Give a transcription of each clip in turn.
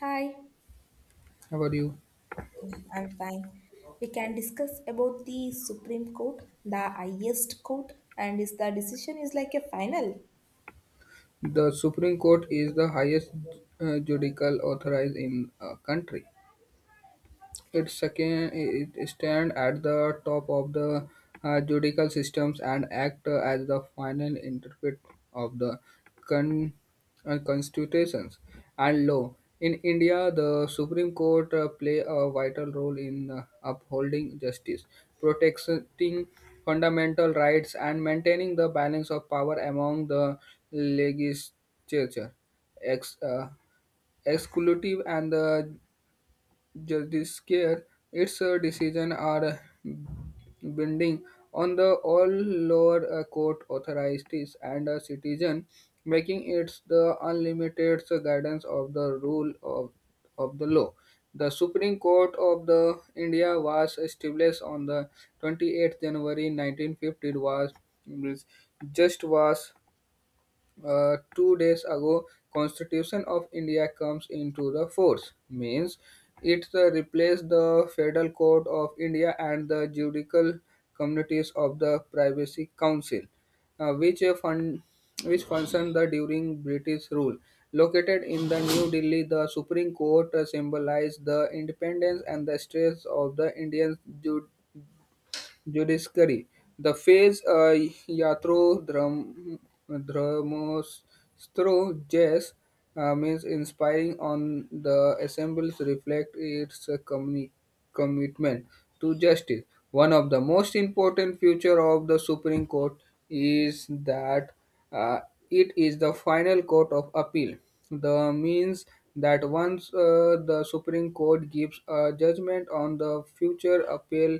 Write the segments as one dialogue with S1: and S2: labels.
S1: Hi,
S2: How are you?
S1: I'm fine. We can discuss about the Supreme Court, the highest court, and is the decision is like a final.
S2: The Supreme Court is the highest judicial authority in a country. It second it stand at the top of the judicial systems and act as the final interpret of the con- constitutions and law. In India, the Supreme Court play a vital role in upholding justice, protecting fundamental rights, and maintaining the balance of power among the legislature. Ex- uh, Exclusive and the judiciary. Its decision are binding on the all lower court authorities and citizen, making it the unlimited guidance of the rule of the law. The Supreme Court of the India was established on the 28th January 1950. Was- just was 2 days ago constitution of india comes into the force means it replaced the federal court of india and the judicial communities of the privacy council, which which functioned the during british rule. Located in the New Delhi, the Supreme Court symbolized the independence and the strength of the Indian judiciary. The phrase "yatro dram dramostro jas" means inspiring on the assemblies reflect its commitment to justice. One of the most important feature of the Supreme Court is that uh, it is the final court of appeal. The means that once the Supreme Court gives a judgment on the future appeal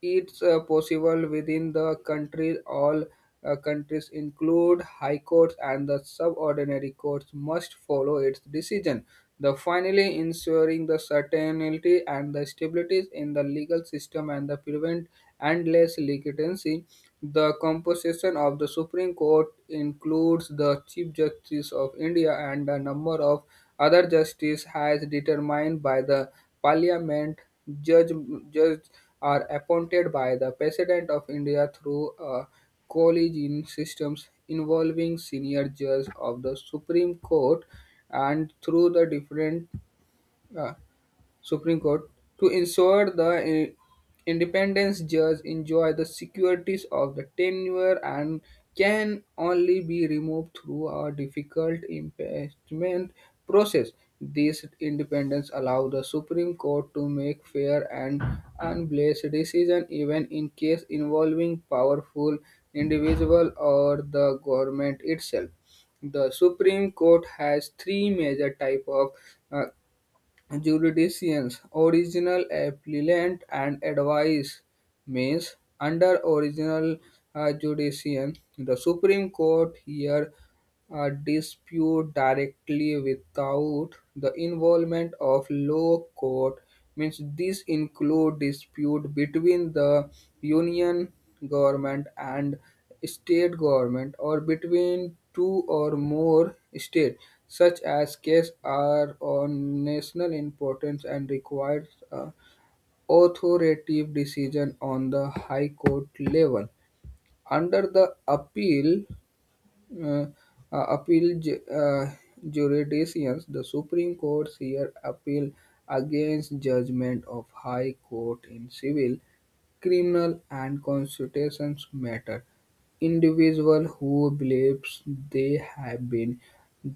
S2: it's possible within the country. All countries include high courts and the subordinate courts must follow its decision. The finally ensuring the certainty and the stability in the legal system and the prevent endless litigation. The composition of the Supreme Court includes the Chief Justice of India and a number of other justices as determined by the Parliament. Judge, judge are appointed by the President of India through a collegial system involving senior judges of the Supreme Court and through the different uh, Supreme Court to ensure the independence judge enjoy the securities of the tenure and can only be removed through a difficult impeachment process. This independence allows the Supreme Court to make fair and unbiased decision even in case involving powerful individual or the government itself. The Supreme Court has three major type of uh, jurisdictions, original appellant and advice means under original jurisdiction. The Supreme Court here a dispute directly without the involvement of law court means this include dispute between the union government and state government or between two or more states such as case are of national importance and requires a authoritative decision on the high court level under the appeal uh, uh, appeal ju- uh, jurisdictions, the Supreme Court here appeal against judgment of High Court in civil, criminal, and constitutional matter. Individual who believes they have been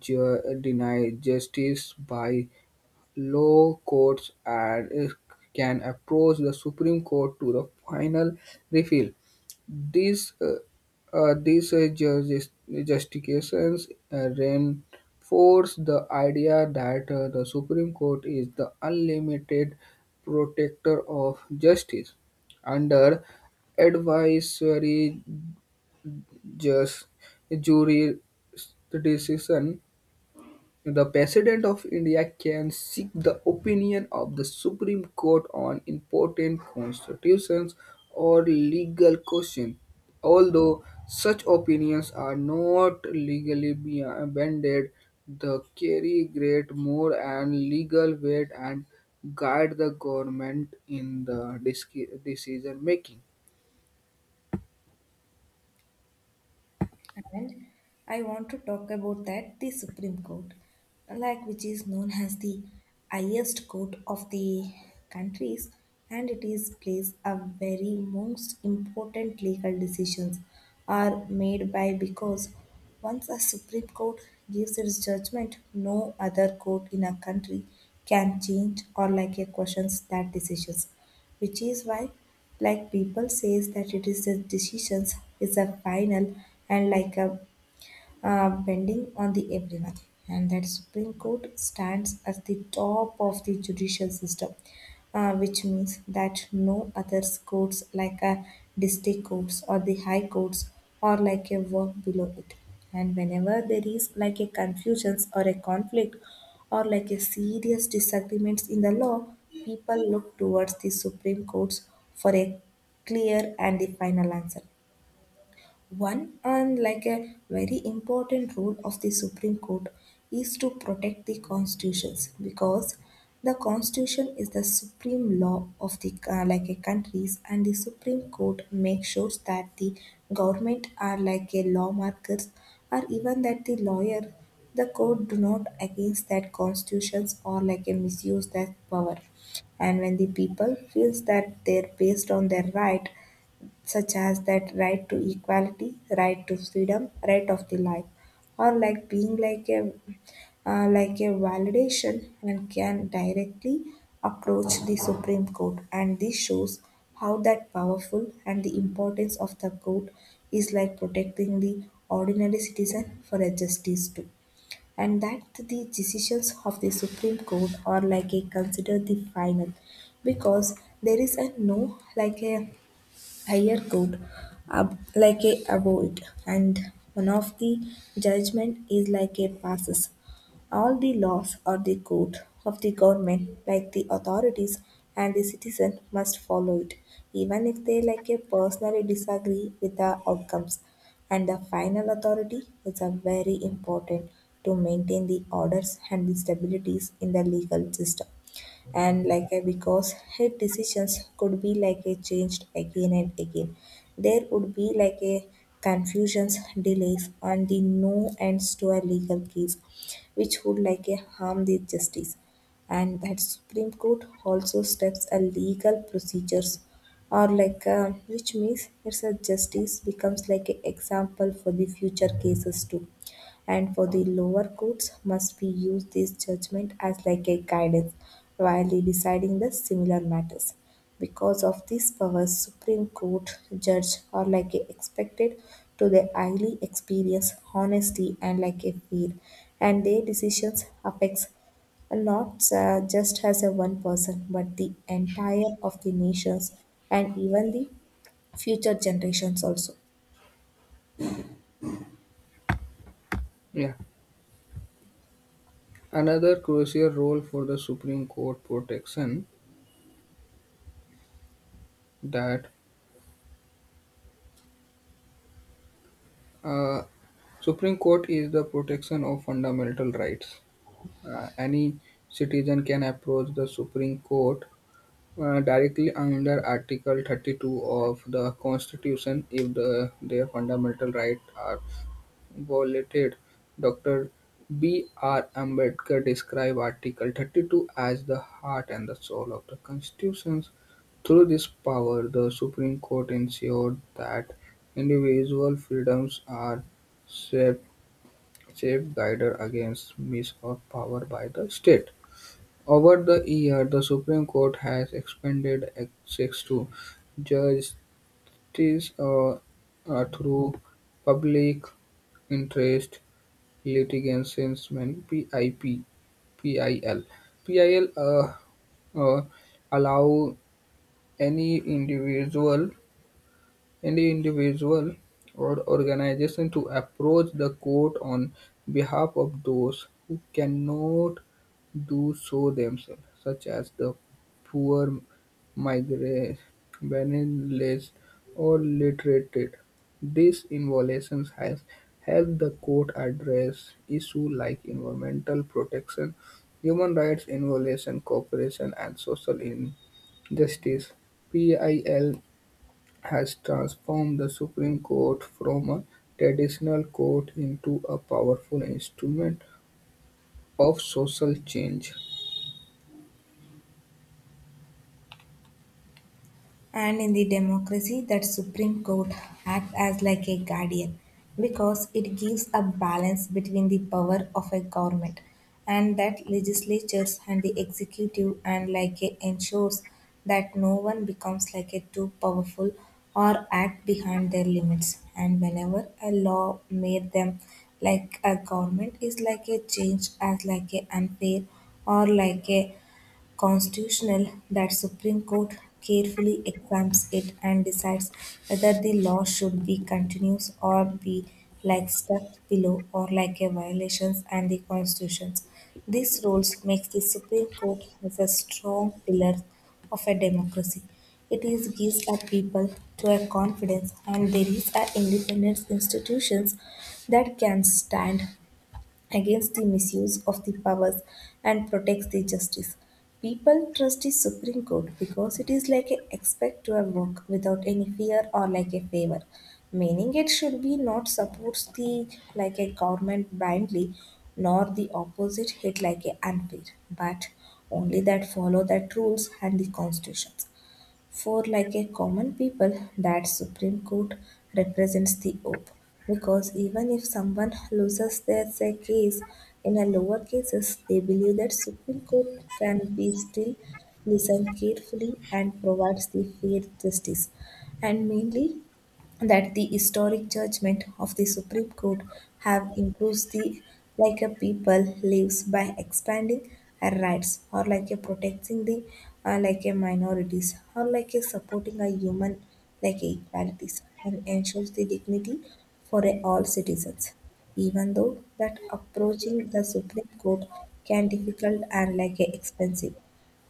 S2: denied justice by Low courts and can approach the Supreme Court to the final refill. These uh, these justifications reinforce the idea that the Supreme Court is the unlimited protector of justice. Under advisory just jury decision, the President of India can seek the opinion of the Supreme Court on important constitutions or legal questions, although such opinions are not legally binding. They carry great moral and legal weight and guide the government in the decision making.
S1: And I want to talk about that the Supreme Court, like which is known as the highest court of the countries, and it is place a very most important legal decisions are made by because once a Supreme Court gives its judgment, no other court in a country can change or like a questions that decisions, which is why like people says that it is the decisions is a final and like a bending on the everyone. And that supreme court stands as the top of the judicial system, which means that no other courts like a district courts or the high courts or like a work below it. And whenever there is like a confusions or a conflict or like a serious disagreements in the law, people look towards the supreme courts for a clear and the final answer. One, and like a very important rule of the Supreme Court, is to protect the constitutions because the constitution is the supreme law of the like a countries, and the Supreme Court makes sure that the government are like a lawmakers or even that the lawyer the court do not against that constitutions or like a misuse that power. And when the people feels that they're based on their right, such as that right to equality, right to freedom, right of the life, or like being like a validation and can directly approach the Supreme Court. And this shows how that powerful and the importance of the court is like protecting the ordinary citizen for a justice too. And that the decisions of the Supreme Court are like a considered the final because there is a no like a higher court ab- like a award, and one of the judgment is like a passes all the laws or the code of the government like the authorities and the citizen must follow it even if they like a personally disagree with the outcomes. And the final authority is a very important to maintain the orders and the stabilities in the legal system, and like a because her decisions could be like a changed again and again, there would be like a confusions, delays and the no ends to a legal case, which would like a harm the justice. And that supreme court also steps a legal procedures or like which means it's a justice becomes like an example for the future cases too, and for the lower courts must be used this judgment as like a guidance while they deciding the similar matters. Because of these powers supreme court judge are like a expected to the highly experience honesty and like a fear, and their decisions affects not just as a one person but the entire of the nations, and even the future generations also.
S2: Yeah. Another crucial role for the Supreme Court protection that Uh, Supreme Court is the protection of fundamental rights. Any citizen can approach the Supreme Court directly under Article 32 of the Constitution if their fundamental rights are violated. Dr. B. R. Ambedkar described Article 32 as the heart and the soul of the Constitution. Through this power, the Supreme Court ensured that individual freedoms are safe, safeguarded against misuse of power by the state. Over the year, the Supreme Court has expanded access to justice, through public interest litigations, PIP, PIL. PIL uh, allow any individual any individual or organization to approach the court on behalf of those who cannot do so themselves, such as the poor, migrant, penniless, or illiterate. This involution has helped the court address issues like environmental protection, human rights involution, cooperation, and social injustice. PIL has transformed the Supreme Court from a traditional court into a powerful instrument of social change.
S1: And in the democracy, that Supreme Court acts as like a guardian because it gives a balance between the power of a government and that legislatures and the executive and like a ensures that no one becomes like a too powerful or act behind their limits. And whenever a law made them like a government is like a change as like a unfair or like a constitutional, that Supreme Court carefully examines it and decides whether the law should be continuous or be like stuck below or like a violations and the constitutions. These rules makes the Supreme Court as a strong pillar of a democracy. It is gives a people to a confidence and there is a independence institutions that can stand against the misuse of the powers and protects the justice. People trust the Supreme Court because it is like a expect your work without any fear or like a favor. Meaning it should be not supports the like a government blindly nor the opposite hit like a unfair, but only that follow that rules and the constitutions. For like a common people, that Supreme Court represents the hope because even if someone loses their say, case in a lower cases, they believe that Supreme Court can be still listen carefully and provides the fair justice. And mainly that the historic judgment of the Supreme Court have improved the like a people lives by expanding our rights or like a protecting the like a minorities or like a supporting a human like a equalities and ensures the dignity for a all citizens, even though that approaching the supreme court can difficult and like a expensive,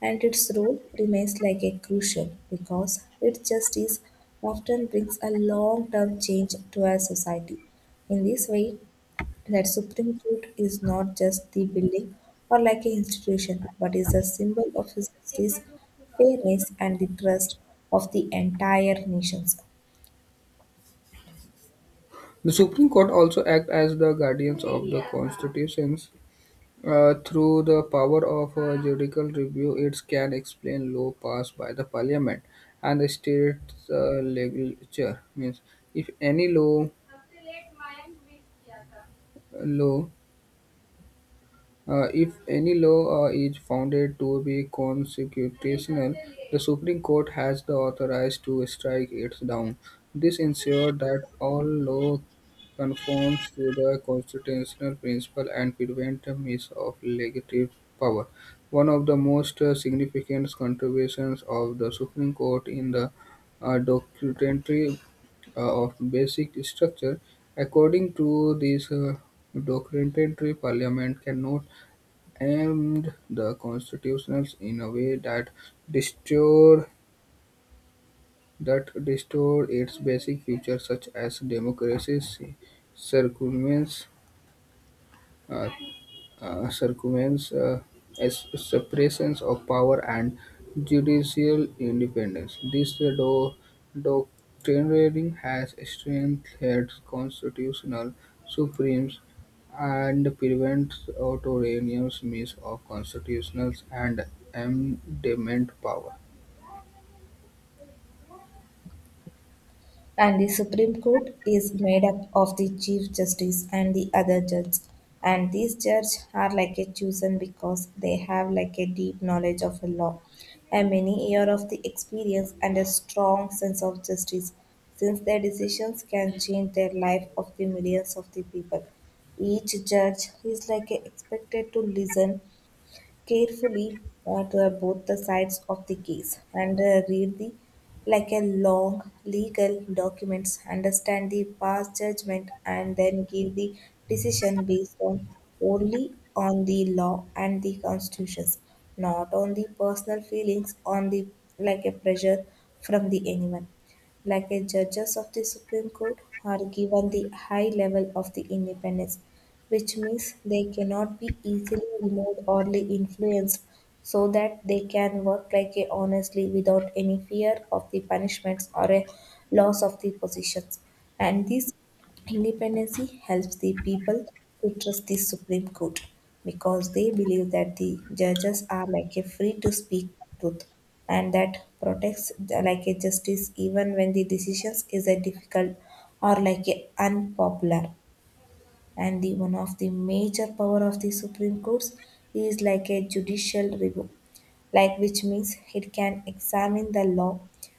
S1: and its role remains like a crucial because it justice often brings a long-term change to our society. In this way, that Supreme Court is not just the building or like an institution, but is a symbol of justice, fairness, and the trust of the entire nations.
S2: The Supreme Court also act as the guardians of the constitutions. Through the power of a judicial review, it can explain law passed by the parliament and the state legislature. Means, if any law law if any law is founded to be constitutional, the Supreme Court has the authority to strike it down. This ensures that all law conforms to the constitutional principle and prevents the misuse of legislative power. One of the most significant contributions of the Supreme Court in the documentary of basic structure. According to this documentary, Parliament cannot aimed the Constitution in a way destroyed that destroyed its basic features such as democracy's circumference. Circumvents as suppressions of power and judicial independence. This doctrine has strengthened constitutional supremes and prevents authoritarianism of constitutional and amendment power.
S1: And the Supreme Court is made up of the Chief Justice and the other judges. And these judges are like a chosen because they have like a deep knowledge of a law, a many year of the experience and a strong sense of justice, since their decisions can change the life of the millions of the people. Each judge is like a expected to listen carefully to both the sides of the case and read the like a long legal documents, understand the past judgment and then give the decision based on only on the law and the constitutions, not on the personal feelings on the like a pressure from the anyone. Like a judges of the Supreme Court, are given the high level of the independence, which means they cannot be easily removed or influenced so that they can work like a honestly without any fear of the punishments or a loss of the positions. And this Independency helps the people to trust the Supreme Court because they believe that the judges are like a free to speak truth and that protects the- like a justice even when the decisions is a difficult or like a unpopular. And the one of the major power of the Supreme Courts is like a judicial review, like which means it can examine the law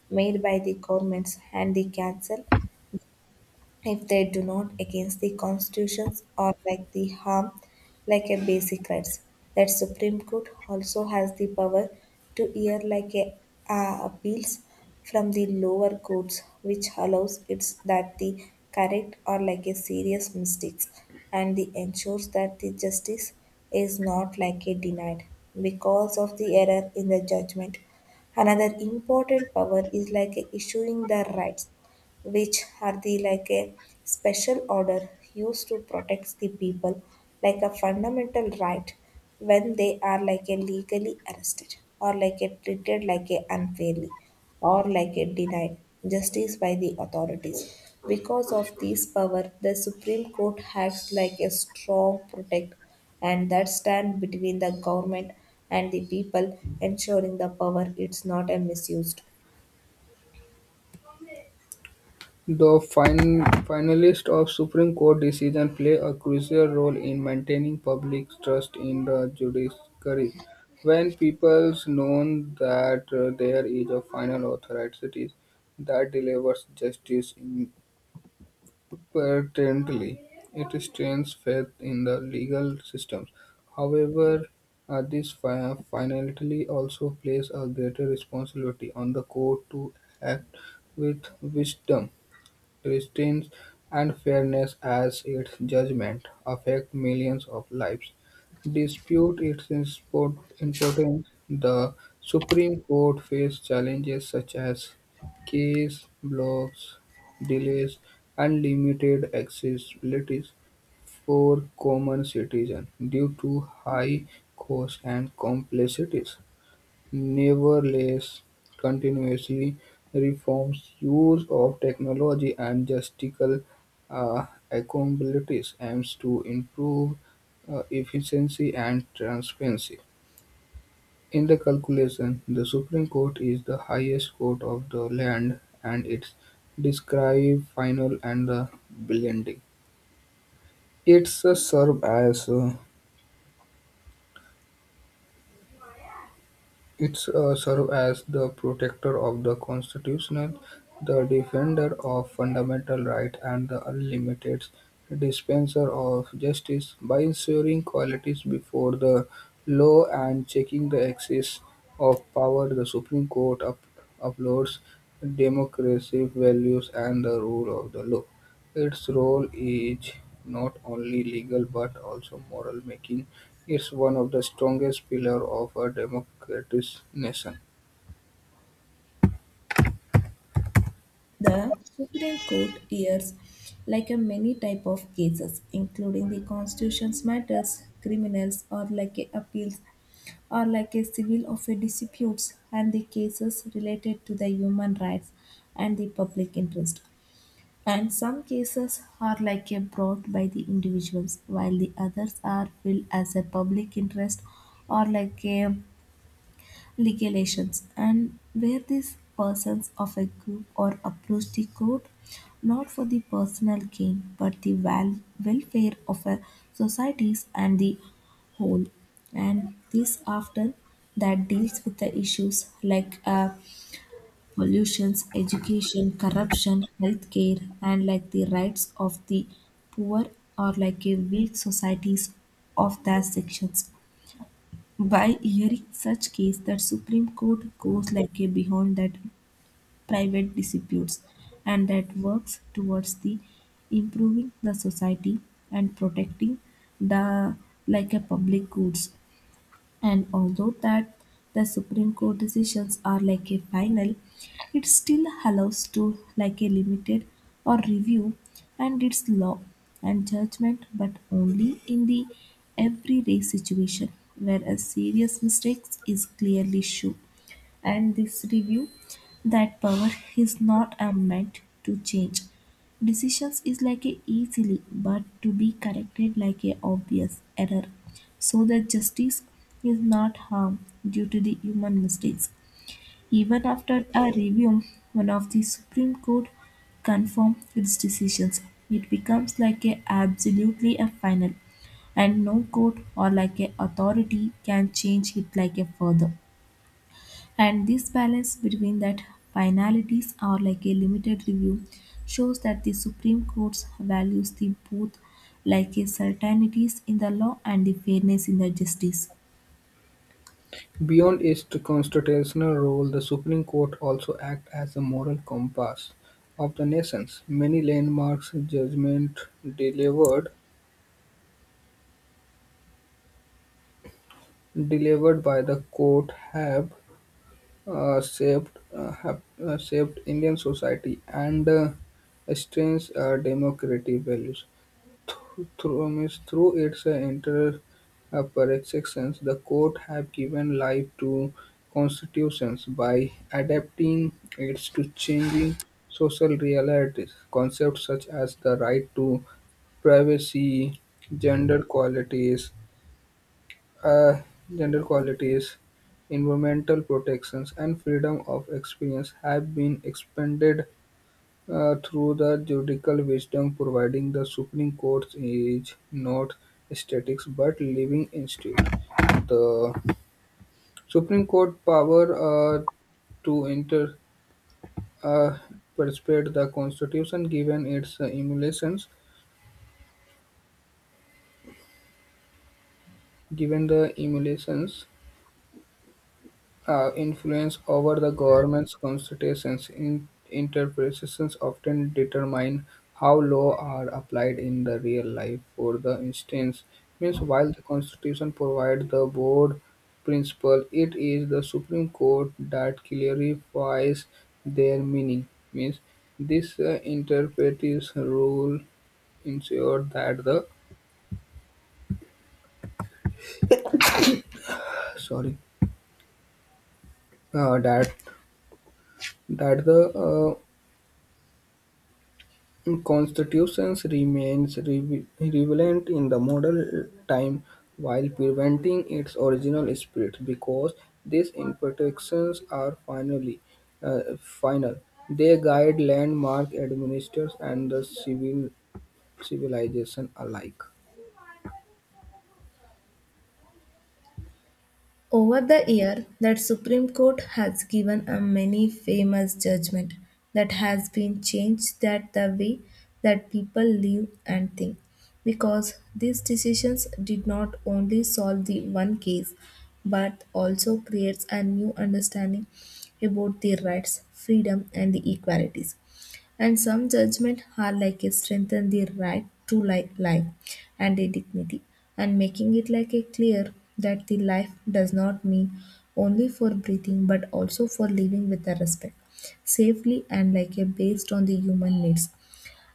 S1: made by the governments and the cancel if they do not against the constitutions or like the harm like a basic rights. That supreme court also has the power to hear like a appeals from the lower courts, which allows it's that the correct or like a serious mistakes and the ensures that the justice is not like a denied because of the error in the judgment. Another important power is like issuing the rights, which are the like a special order used to protect the people like a fundamental right when they are like a legally arrested or like a treated like a unfairly or like a denied justice by the authorities. Because of this power the supreme court acts like a strong protect and that stand between the government and the people, ensuring the power it's not a misused.
S2: The finalists of Supreme Court decision play a crucial role in maintaining public trust in the judiciary. When people know that there is a final authority that delivers justice impartially, it strengthens faith in the legal systems. However, this finality also places a greater responsibility on the court to act with wisdom justice and fairness as its judgment affect millions of lives. Dispute its importance, the Supreme Court faced challenges such as case blocks, delays, and limited accessibility for common citizens due to high costs and complexities. Nevertheless, continuously reforms use of technology and logistical capabilities aims to improve efficiency and transparency. In the calculation, the Supreme Court is the highest court of the land and it's describe final and the blending. It's uh, serve as uh, It serves as the protector of the Constitution, the defender of fundamental rights, and the unlimited dispenser of justice, by ensuring qualities before the law and checking the excess of power. The Supreme Court upholds democracy values and the rule of the law. Its role is not only legal but also moral, making it one of the strongest pillars of a democratic nation.
S1: The Supreme Court hears like a many type of cases, including the constitution's matters, criminals or like a appeals or like a civil of a disputes and the cases related to the human rights and the public interest. And some cases are like a brought by the individuals, while the others are filled as a public interest or like a Legislations, and where these persons of a group or approach the court not for the personal gain but the welfare of a societies and the whole. And this after that deals with the issues like pollutions, education, corruption, healthcare and like the rights of the poor or like a weak societies of their sections. By hearing such case, that Supreme Court goes like a beyond that private disputes and that works towards the improving the society and protecting the like a public goods. And although that the Supreme Court decisions are like a final, it still allows to like a limited or review and its law and judgment, but only in the everyday situation where a serious mistake is clearly shown. And this review that power is not a meant to change decisions is like a easily but to be corrected like a obvious error so that justice is not harmed due to the human mistakes. Even after a review one of the supreme court confirmed its decisions, it becomes like a absolutely a final and no court or like a authority can change it like a further. And this balance between that finalities are like a limited review shows that the supreme court values the both like a certainties in the law and the fairness in the justice.
S2: Beyond its constitutional role, the Supreme Court also acts as a moral compass of the nations. Many landmark judgments delivered delivered by the court have shaped have shaped Indian society and strengthened our democratic values. Through means through its inter-appellate sections, the Court have given life to constitutions by adapting it to changing social realities. Concepts such as the right to privacy, gender qualities, uh, gender qualities, environmental protections, and freedom of experience have been expanded through the judicial wisdom, providing the Supreme Court is not static but living institute. The Supreme Court power to inter uh, perpetuate the Constitution, given the emulations. Influence over the government's constitutions in interpretations often determine how law are applied in the real life for the instance means while the constitution provides the board principle it is the supreme court that clarifies their meaning means this interpretive rule ensure sorry uh, that that the constitutions remains relevant in the modern time while preventing its original spirit because these imperfections are finally final. They guide landmark administrators and the civilization alike.
S1: Over the year, that Supreme Court has given a many famous judgment that has been changed that the way that people live and think because these decisions did not only solve the one case but also creates a new understanding about the rights, freedom and the equalities. And some judgment are like a strengthen the right to life and a dignity, and making it like a clear that the life does not mean only for breathing but also for living with a respect, safely and like a based on the human needs.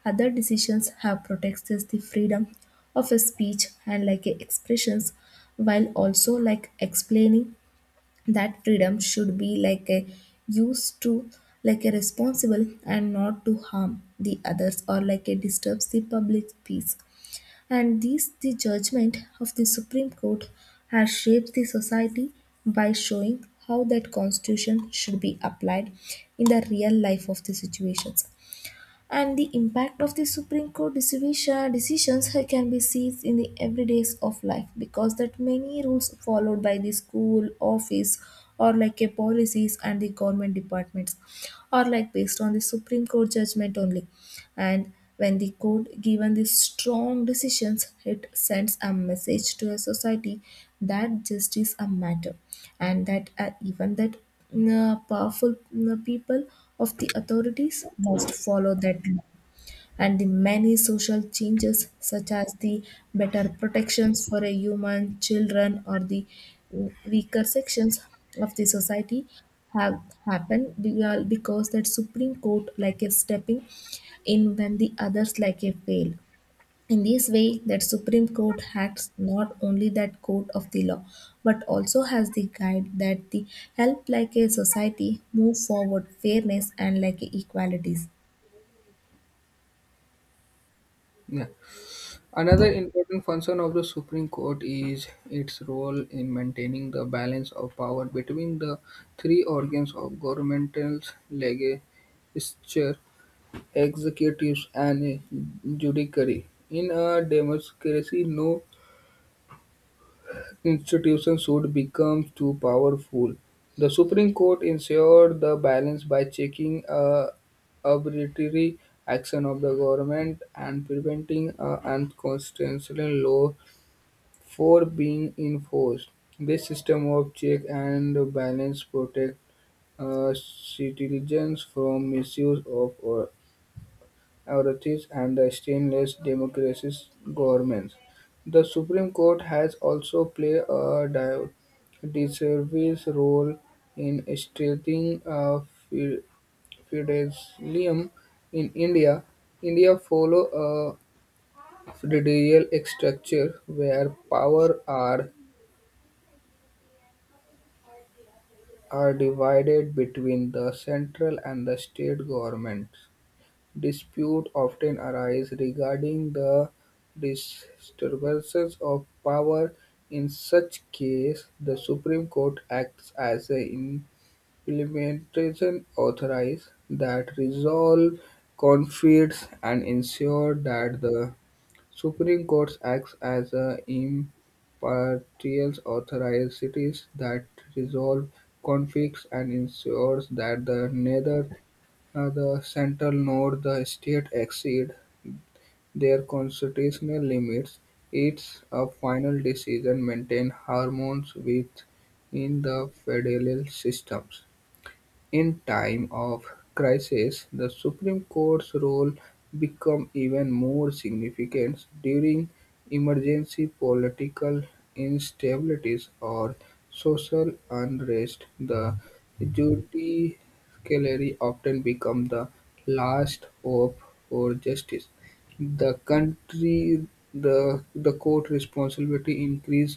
S1: Other decisions have protected the freedom of a speech and like a expressions while also like explaining that freedom should be like a used to like a responsible and not to harm the others or like a disturbs the public peace, and these the judgment of the Supreme Court has shaped the society by showing how that constitution should be applied in the real life of the situations. And the impact of the Supreme Court decisions can be seen in the everydays of life because that many rules followed by the school office or like a policies and the government departments are like based on the Supreme Court judgment only. And when the court given the strong decisions, it sends a message to a society that justice a matter and that even that powerful people of the authorities must follow that law. And the many social changes, such as the better protections for a human, children, or the weaker sections of the society, have happened because that Supreme Court like a stepping in when the others like a fail. In this way, that Supreme Court acts not only that court of the law, but also has the guide that the help like a society move forward fairness and like equalities.
S2: Yeah. Another important function of the Supreme Court is its role in maintaining the balance of power between the three organs of governmental legislature executives and judiciary. In a democracy, no institution should become too powerful. The Supreme Court ensured the balance by checking arbitrary action of the government and preventing unconstitutional law for being enforced. This system of check and balance protect citizens from misuse of authorities and the stainless democracies governments. The Supreme Court has also played a disservice role in strengthening fe- feudalism in India. India follow a federal structure where power are divided between the central and the state governments. Disputes often arise regarding the distribution of power; in such case, the Supreme Court acts as an implementation authority that resolve conflicts and ensure that the Supreme Court acts as an impartial authority that resolve conflicts and ensures that the neither the Central note the state exceed their constitutional limits. It's a final decision maintain harmony within the federal systems. In time of crisis, the Supreme Court's role became even more significant during emergency political instabilities or social unrest. The judiciary often became the last hope for justice. The country the court responsibility increase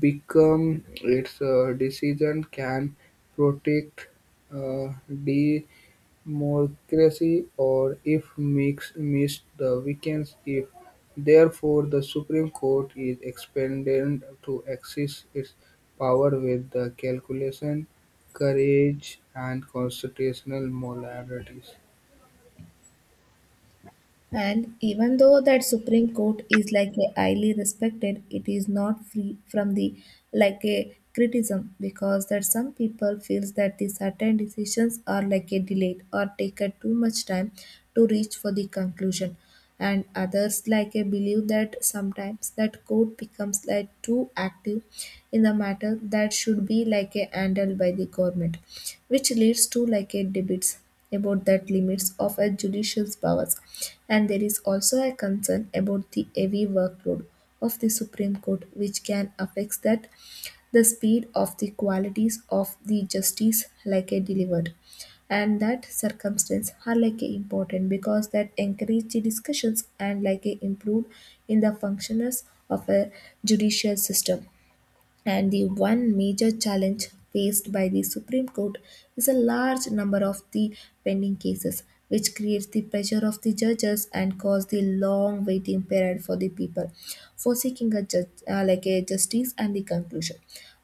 S2: become its decision can protect uh, democracy or if mix missed the weekends if therefore the supreme court is expanded to access its power with the calculation courage and constitutional moralities.
S1: And even though that Supreme Court is like a highly respected, it is not free from the like a criticism because that some people feels that the certain decisions are like a delayed or take a too much time to reach for the conclusion. And others like I believe that sometimes that court becomes like too active in the matter that should be like a handled by the government, which leads to like a debates about that limits of a judicial powers. And there is also a concern about the heavy workload of the Supreme Court, which can affect that the speed of the qualities of the justice like a delivered, and that circumstance are like a important because that encourage the discussions and like a improve in the functions of a judicial system. And the one major challenge faced by the Supreme Court is a large number of the pending cases, which creates the pressure of the judges and cause the long waiting period for the people for seeking a like a justice and the conclusion.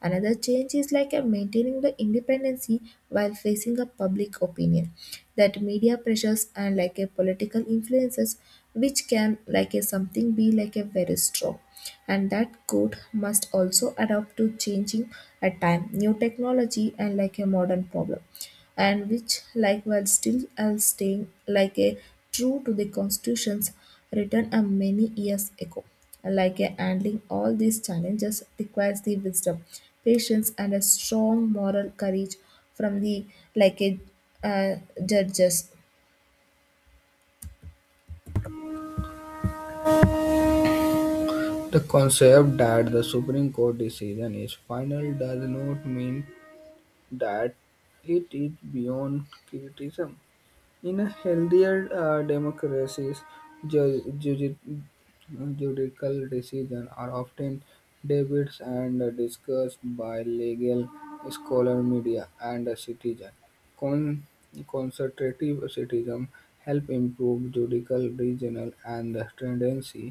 S1: Another change is like a maintaining the independency while facing a public opinion that media pressures and like a political influences, which can like a something be like a very strong. And that code must also adapt to changing at time new technology and like a modern problem, and which like while still as staying like a true to the constitutions written a many years ago. Like a handling all these challenges requires the wisdom, patience and a strong moral courage from the like a uh, judges.
S2: The concept that the Supreme Court decision is final does not mean that it is beyond criticism. In a healthier democracies, ju- ju- judicial decisions are often debated and discussed by legal scholar, media, and citizens. Con- Consultative citizen help improve judicial regional and tendency.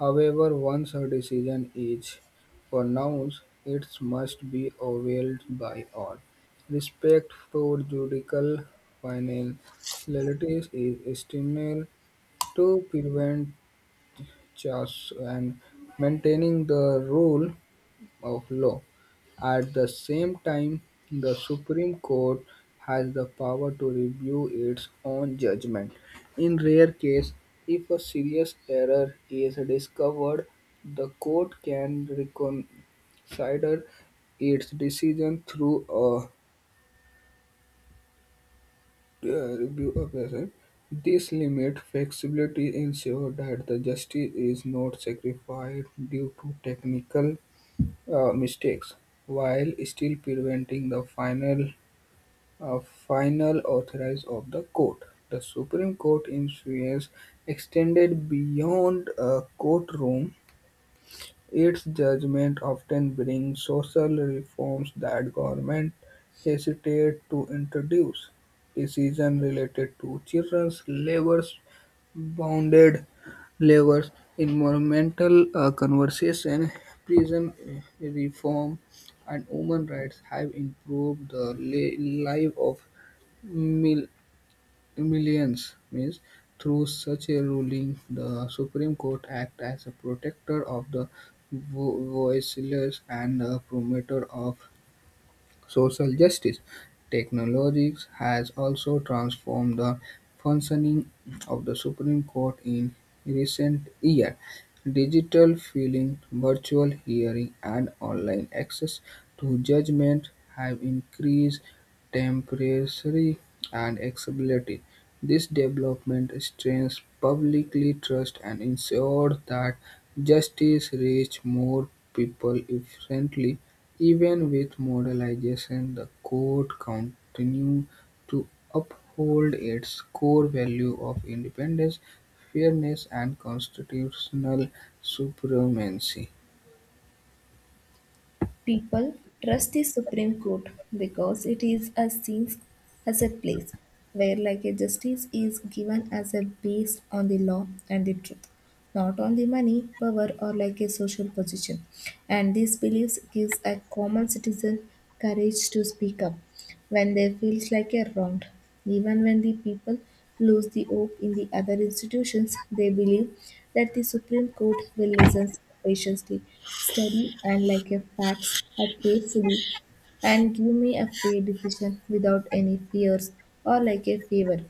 S2: However, once a decision is pronounced, it must be obeyed by all. Respect for judicial final Relatives is essential to prevent chaos and maintaining the rule of law. At the same time, the Supreme Court has the power to review its own judgment. In rare case, if a serious error is discovered, the court can reconsider its decision through a review operation. This limit flexibility ensures that the justice is not sacrificed due to technical mistakes, while still preventing the final authorize of the court. The Supreme Court influence extended beyond a courtroom. Its judgment often brings social reforms that government hesitate to introduce; decisions related to children's labour, bounded labour, environmental conservation, prison reform, and human rights have improved the life of mil- millions means through such a ruling the supreme court act as a protector of the voiceless and a promoter of social justice. Technologies has also transformed the functioning of the Supreme Court in recent years. Digital filing, virtual hearing, and online access to judgment have increased temporary and accessibility. This development strengthens publicly trust and ensures that justice reaches more people efficiently. Even with modernization, the court continued to uphold its core value of independence, fairness, and constitutional supremacy.
S1: People trust the Supreme Court because it is a seen as a place where like a justice is given as a based on the law and the truth, not on the money, power or like a social position. And these beliefs gives a common citizen courage to speak up when there feels like a wronged. Even when the people lose the hope in the other institutions, they believe that the Supreme Court will listen patiently, study and like a facts are carefully and give me a fair decision without any fears or like a favor.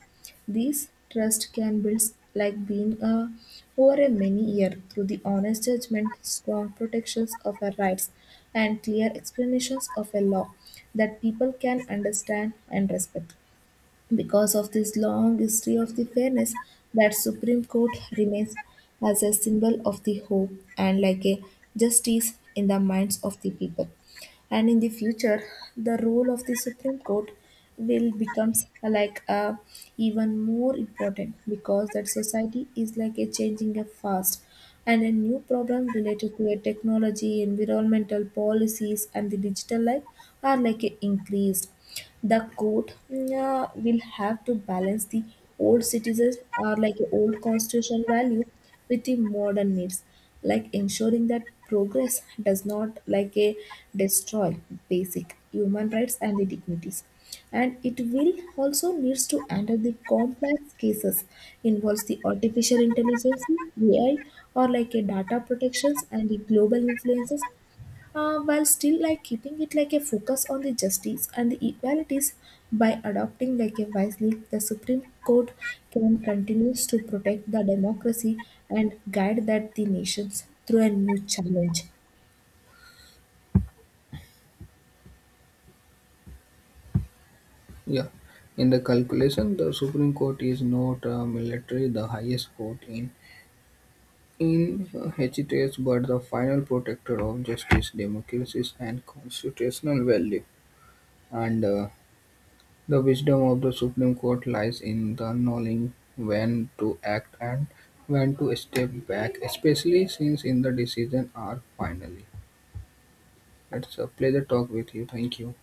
S1: These trust can build like being a, over a many year through the honest judgment, strong protections of our rights, and clear explanations of a law that people can understand and respect. Because of this long history of the fairness, that Supreme Court remains as a symbol of the hope and like a justice in the minds of the people. And in the future, the role of the Supreme Court will becomes like a even more important because that society is like a changing a fast and a new problem related to a technology, environmental policies, and the digital life are like a increased. The court will have to balance the old citizens or like old constitutional value with the modern needs, like ensuring that progress does not like a destroy basic human rights and the dignities. And it will also needs to handle the complex cases involves the artificial intelligence, AI, or like a data protections and the global influences, while still like keeping it like a focus on the justice and the equalities. By adopting like a wisely, the Supreme Court can continues to protect the democracy and guide that the nations through a new challenge
S2: Yeah. In the calculation, the Supreme Court is not a military, the highest court in Hecetates, but the final protector of justice, democracy, and constitutional value. And the wisdom of the Supreme Court lies in the knowing when to act and when to step back, especially since in the decisions are final. It's a pleasure talk with you. Thank you.